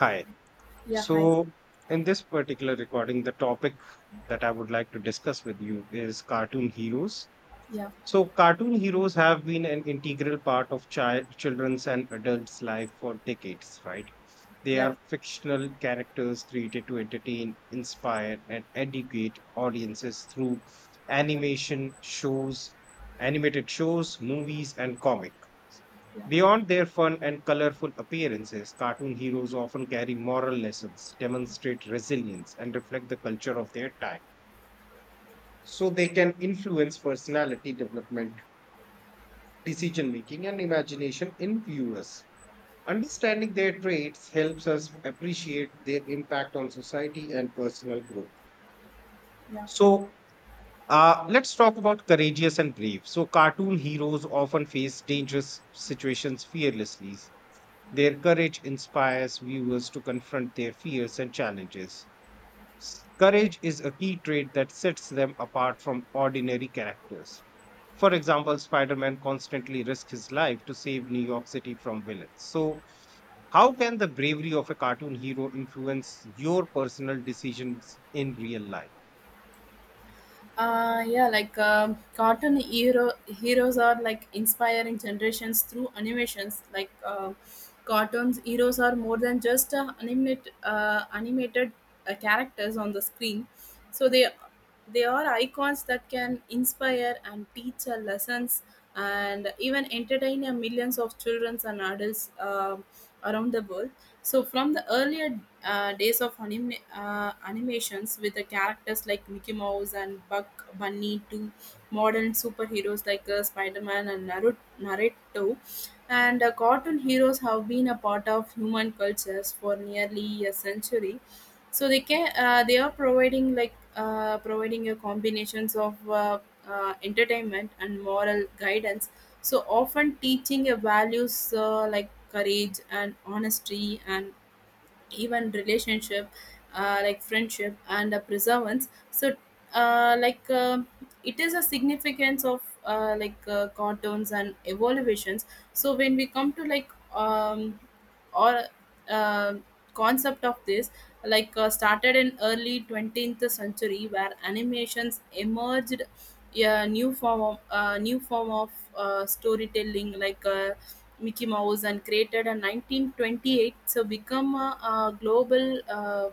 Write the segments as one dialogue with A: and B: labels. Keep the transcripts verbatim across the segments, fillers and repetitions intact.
A: Hi.
B: Yeah, hi.
A: So, in this particular recording, the topic that I would like to discuss with you is cartoon heroes
B: Yeah,
A: so, cartoon heroes have been an integral part of child, children's and adults' life for decades, right? They
B: Yeah.
A: are fictional characters created to entertain, inspire, and educate audiences through animation shows, animated shows, movies, and comic.
B: yeah,
A: Beyond their fun and colorful appearances, cartoon heroes often carry moral lessons, demonstrate resilience, and reflect the culture of their time. So they can influence personality development, decision making, and imagination in viewers. Understanding their traits helps us appreciate their impact on society and personal growth.
B: yeah.
A: So, uh, let's talk about courageous and brave. So, cartoon heroes often face dangerous situations fearlessly. Their courage inspires viewers to confront their fears and challenges. Courage is a key trait that sets them apart from ordinary characters. For example, Spider Man constantly risks his life to save New York City from villains. So, how can the bravery of a cartoon hero influence your personal decisions in real life?
B: Uh, yeah, like um, cartoon hero heroes are like inspiring generations through animations. Like uh, cartoons heroes are more than just uh, animate uh, animated uh, characters on the screen. So they they are icons that can inspire and teach uh, lessons and even entertain a millions of children and adults um around the world. So, from the earlier uh, days of anime, uh, animations with the characters like Mickey Mouse and Buck Bunny to modern superheroes like uh, Spider Man and Naru- Naruto, and uh, cartoon heroes have been a part of human cultures for nearly a century. So they can uh, they are providing like uh, providing a combinations of uh, uh, entertainment and moral guidance, so often teaching a values uh, like courage and honesty and even relationship, uh, like friendship and uh, preservance. So uh, like uh, it is a significance of uh, like uh, cartoons and evaluations. So when we come to like um, or uh, concept of this, like uh, started in early twentieth century where animations emerged a new form of uh, new form of uh, storytelling. like uh, Mickey Mouse and created in nineteen twenty-eight, so become a, a global uh,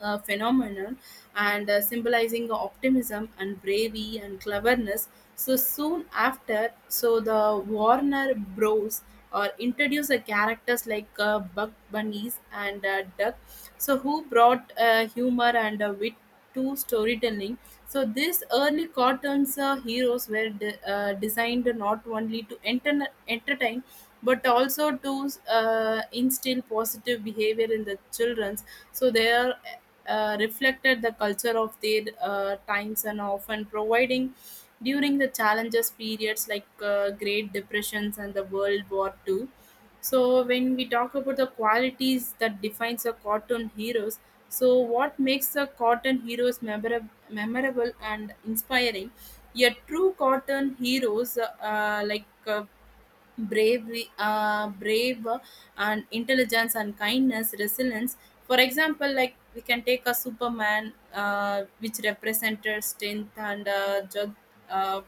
B: uh, phenomenon and uh, symbolizing optimism and bravery and cleverness. So soon after, so the Warner Bros or introduced the characters like uh, Bug Bunnies and uh, Duck, so who brought uh, humor and uh, wit to storytelling. So these early cartoons uh, heroes were de- uh, designed not only to enter- entertain, but also to uh, instill positive behavior in the childrens. So they are uh, reflected the culture of their uh, times and often providing during the challenges periods like uh, Great Depressions and the World War Two. So when we talk about the qualities that defines a cartoon heroes, so what makes a cartoon heroes memorab- memorable and inspiring? A true cartoon heroes uh, uh, like uh, bravery, uh, brave and intelligence and kindness, resilience. For example, like we can take a Superman, uh, which represented strength and uh, ju- uh,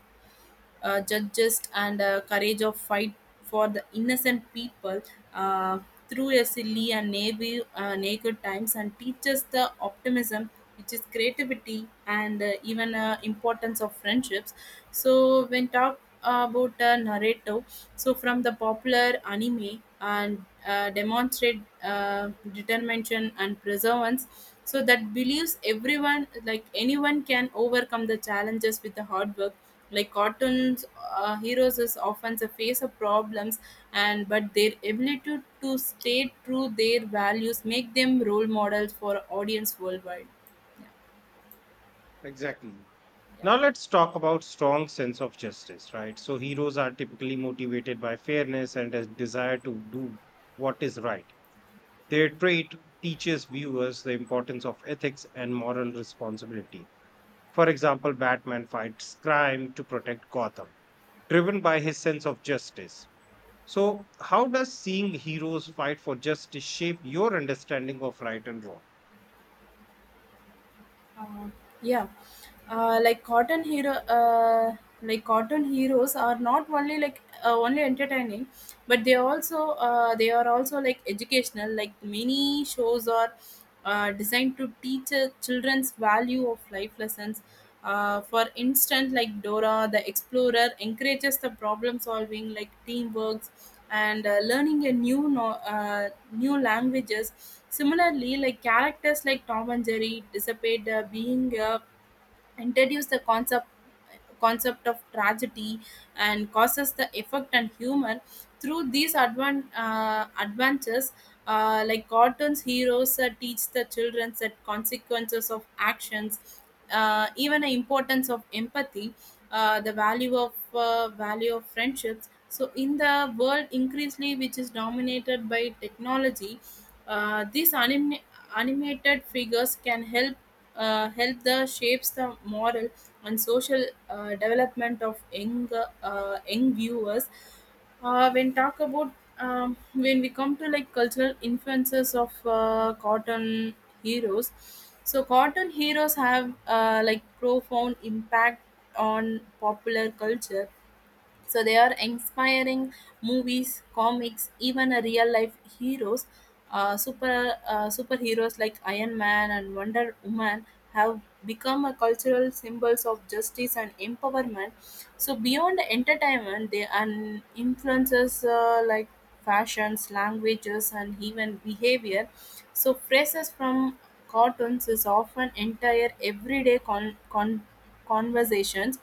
B: uh, judges and uh, courage of fight for the innocent people, uh, through a silly and navy, uh, naked times and teaches the optimism which is creativity and uh, even uh, importance of friendships. So when talk about a narrative, so from the popular anime and uh, demonstrate uh, determination and perseverance, so that believes everyone, like anyone can overcome the challenges with the hard work. Like cartoons uh, heroes is often the face of problems, and but their ability to, to stay true their values make them role models for audience worldwide. yeah
A: Exactly.
B: yeah
A: Now let's talk about strong sense of justice, right? So heroes are typically motivated by fairness and a desire to do what is right. Their trait teaches viewers the importance of ethics and moral responsibility. For example, Batman fights crime to protect Gotham, driven by his sense of justice. So, how does seeing heroes fight for justice shape your understanding of right and wrong?
B: Uh, yeah uh, like cotton hero uh, like cotton heroes are not only like uh, only entertaining, but they also uh, they are also like educational. Like many shows are uh, designed to teach uh, children's value of life lessons. Uh, for instance, like Dora the Explorer encourages the problem solving, like teamwork, and uh, learning a new no- uh, new languages. Similarly, like characters like Tom and Jerry dissipate uh, being a introduce the concept concept of tragedy and causes the effect and humor through these advan- uh, adventures. Uh, like cartoons heroes uh, teach the children that consequences of actions, uh, even the importance of empathy, uh, the value of uh, value of friendships. So in the world increasingly which is dominated by technology, uh, these anim- animated figures can help uh, help the shapes the moral and social uh, development of young uh, young viewers. Uh, when talk about um, when we come to like cultural influences of uh, cotton heroes, so cotton heroes have uh, like profound impact on popular culture. So they are inspiring movies, comics, even a real life heroes, uh, super uh, superheroes like Iron Man and Wonder Woman have become a cultural symbols of justice and empowerment. So beyond entertainment, they and influences uh, like fashions, languages, and even behavior. So phrases from cartoons is often entire everyday con- con- conversations,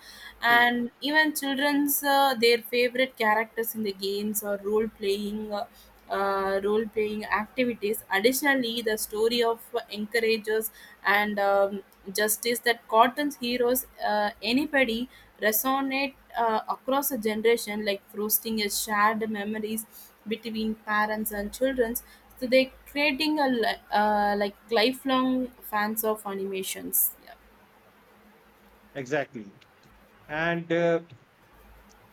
A: Hmm,
B: and even children's uh, their favorite characters in the games or role playing, uh, uh, role playing activities. Additionally, the story of encourages and um, justice that cotton's heroes uh, anybody resonate uh, across a generation, like fostering a shared memories between parents and children, so they creating a li- uh, like lifelong fans of animations. Yeah.
A: Exactly. And uh,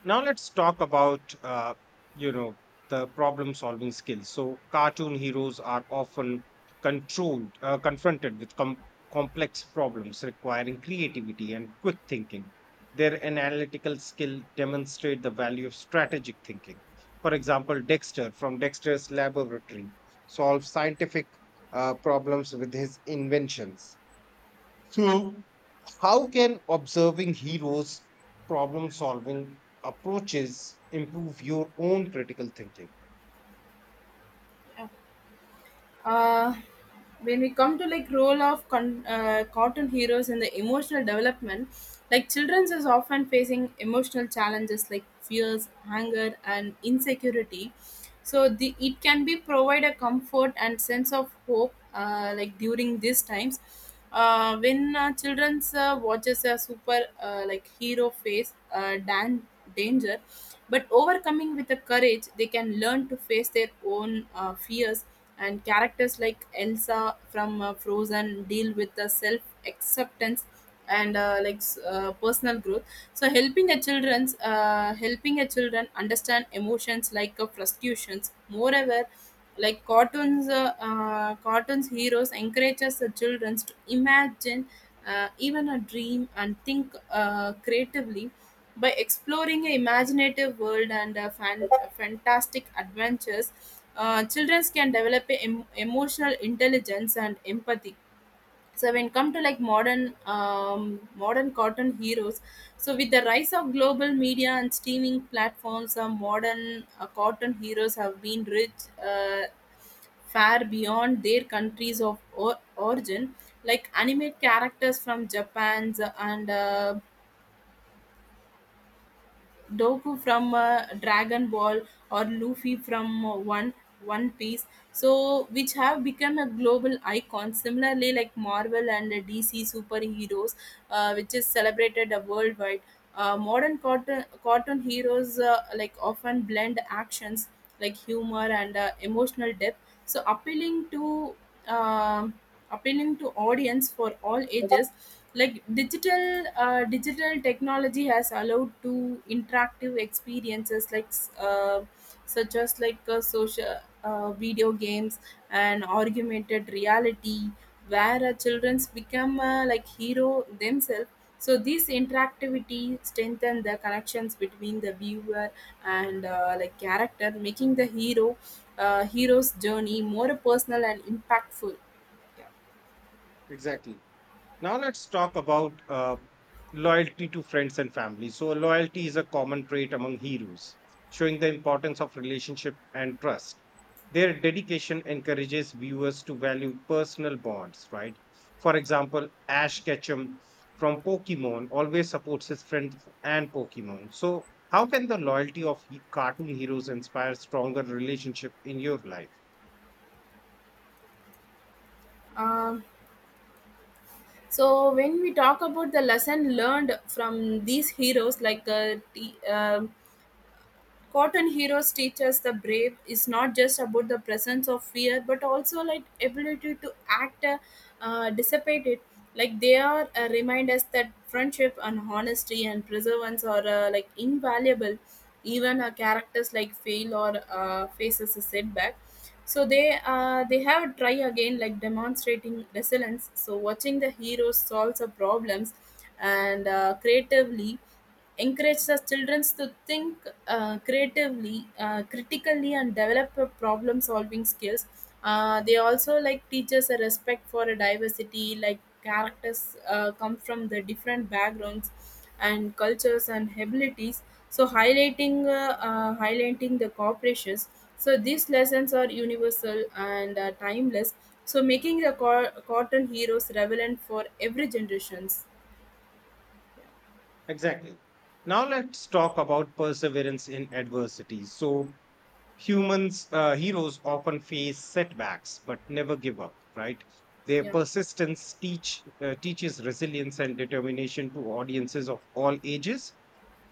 A: now let's talk about uh, you know the problem solving skills. So cartoon heroes are often controlled uh, confronted with com- complex problems requiring creativity and quick thinking. Their analytical skill demonstrate the value of strategic thinking. For example, Dexter from Dexter's Laboratory solves scientific uh, problems with his inventions. So, how can observing heroes' problem solving approaches improve your own critical thinking?
B: uh, when we come to like role of con- uh, cartoon heroes in the emotional development, like children's is often facing emotional challenges like fears, anger, and insecurity. So the it can be provide a comfort and sense of hope, uh, like during these times, uh, when uh, children's uh, watches a super uh, like hero face uh, dan- danger, but overcoming with the courage, they can learn to face their own uh, fears. And characters like Elsa from uh, Frozen deal with the self acceptance and uh, like s- uh, personal growth. So helping a children's uh, helping a children understand emotions like uh, frustrations. Moreover, like cartoons, uh, uh, cartoons heroes encourages the children to imagine, uh, even a dream and think uh, creatively by exploring an imaginative world and uh, fan- uh, fantastic adventures. Uh, children can develop a em- emotional intelligence and empathy. So when come to like modern um, modern cartoon heroes, so with the rise of global media and streaming platforms, uh, modern uh, cartoon heroes have been rich, uh, far beyond their countries of or- origin. Like animate characters from Japan's and uh, Doku from uh, Dragon Ball or Luffy from uh, One One Piece, so which have become a global icon. Similarly, like Marvel and uh, D C superheroes, uh, which is celebrated uh, worldwide. Uh, modern cartoon, cartoon heroes uh, like often blend actions like humor and uh, emotional depth, so appealing to. um Appealing to audience for all ages, like digital uh, digital technology has allowed to interactive experiences, like uh, such as like uh, social uh, video games and augmented reality, where uh, children become uh, like hero themselves. So this interactivity strengthen the connections between the viewer and uh, like character, making the hero uh, hero's journey more personal and impactful.
A: Exactly. Now let's talk about uh, loyalty to friends and family. So loyalty is a common trait among heroes, showing the importance of relationship and trust. Their dedication encourages viewers to value personal bonds, right? For example, Ash Ketchum from Pokemon always supports his friends and Pokemon. So how can the loyalty of he- cartoon heroes inspire stronger relationship in your life?
B: Um, so when we talk about the lesson learned from these heroes, like uh, T, uh, Cotton Heroes teaches the brave is not just about the presence of fear, but also like ability to act, uh, uh, dissipate it. Like they are uh, remind us that friendship and honesty and perseverance are uh, like invaluable. Even uh, characters like fail or uh, faces a setback, so they uh, they have try again, like demonstrating resilience. So watching the heroes solves the problems and uh, creatively encourage the children to think uh, creatively, uh, critically, and develop problem-solving skills. Uh, they also like teaches a respect for a diversity, like characters uh, come from the different backgrounds and cultures and abilities. So highlighting uh, uh, highlighting the corporations. So these lessons are universal and uh, timeless. So making the co- cotton heroes relevant for every generations.
A: Exactly. Now let's talk about perseverance in adversity. So humans, uh, heroes often face setbacks but never give up, right? Their
B: Yeah.
A: persistence teach uh, teaches resilience and determination to audiences of all ages.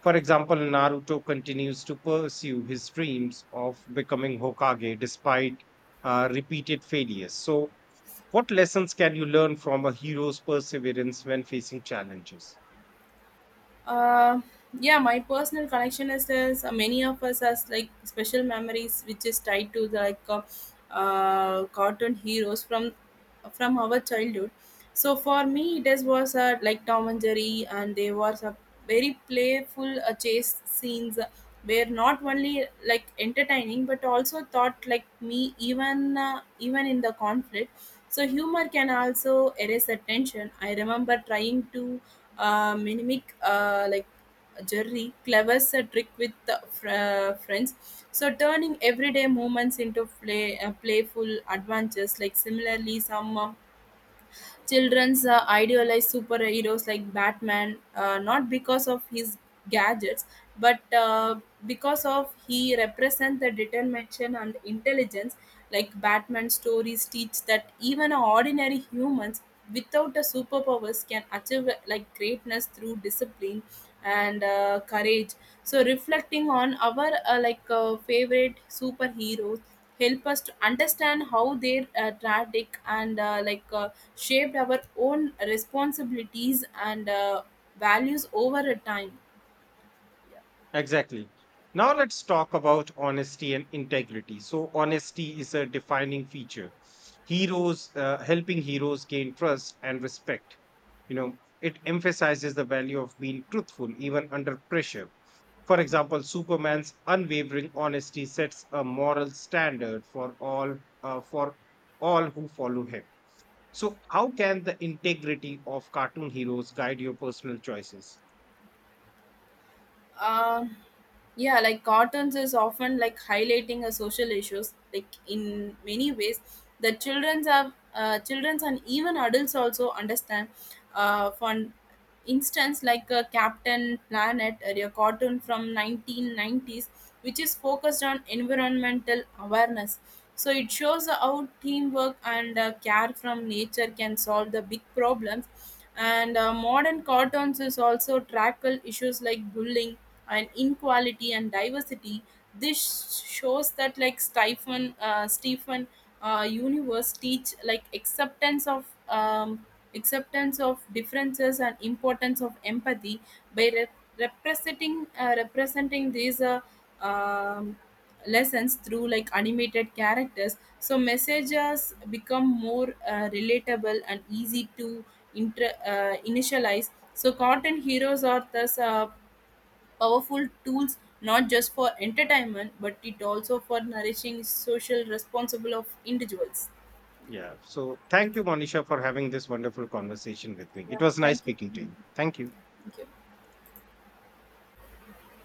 A: For example, Naruto continues to pursue his dreams of becoming Hokage despite uh, repeated failures. So, what lessons can you learn from a hero's perseverance when facing challenges?
B: uh, yeah my personal connection is this. Uh, many of us has like special memories which is tied to the like uh, uh, cartoon heroes from from our childhood. So for me it is was uh, like Tom and Jerry, and they was a very playful uh, chase scenes, uh, were not only like entertaining, but also thought like me, even uh, even in the conflict, so humor can also erase the tension. I remember trying to uh, mimic uh, like Jerry clever's a trick with the fr- uh, friends. So turning everyday moments into play uh, playful adventures. Like similarly, some uh, children's uh, idealize superheroes like Batman, uh, not because of his gadgets, but uh, because of he represents the determination and intelligence. Like Batman stories teach that even ordinary humans without a superpowers can achieve like greatness through discipline and uh, courage. So reflecting on our uh, like uh, favorite superheroes help us to understand how their uh, traffic and uh, like uh, shaped our own responsibilities and uh, values over a time.
A: Exactly. Now let's talk about honesty and integrity. So, honesty is a defining feature. Heroes, uh, helping heroes gain trust and respect. You know, it emphasizes the value of being truthful even under pressure. For example, Superman's unwavering honesty sets a moral standard for all uh, for all who follow him. So, how can the integrity of cartoon heroes guide your personal choices?
B: Um, yeah, like cartoons is often like highlighting a social issues. Like in many ways, the childrens have uh, childrens and even adults also understand. Uh, for instance, like uh, Captain Planet, a cartoon from nineteen nineties, which is focused on environmental awareness. So it shows how teamwork and uh, care from nature can solve the big problems. And uh, modern cartoons is also tackle issues like bullying and inequality and diversity. This shows that like stephen uh, Stephen uh, Universe teach like acceptance of um, acceptance of differences and importance of empathy by re- representing uh, representing these uh, um, lessons through like animated characters, so messages become more uh, relatable and easy to inter- uh, initialize. So content heroes are thus uh, powerful tools, not just for entertainment but it also for nourishing social responsible of individuals.
A: Yeah. So, thank you, Monisha, for having this wonderful conversation with me. It
B: Yeah,
A: was nice
B: thank you.
A: speaking to you. Thank you.
B: Thank you.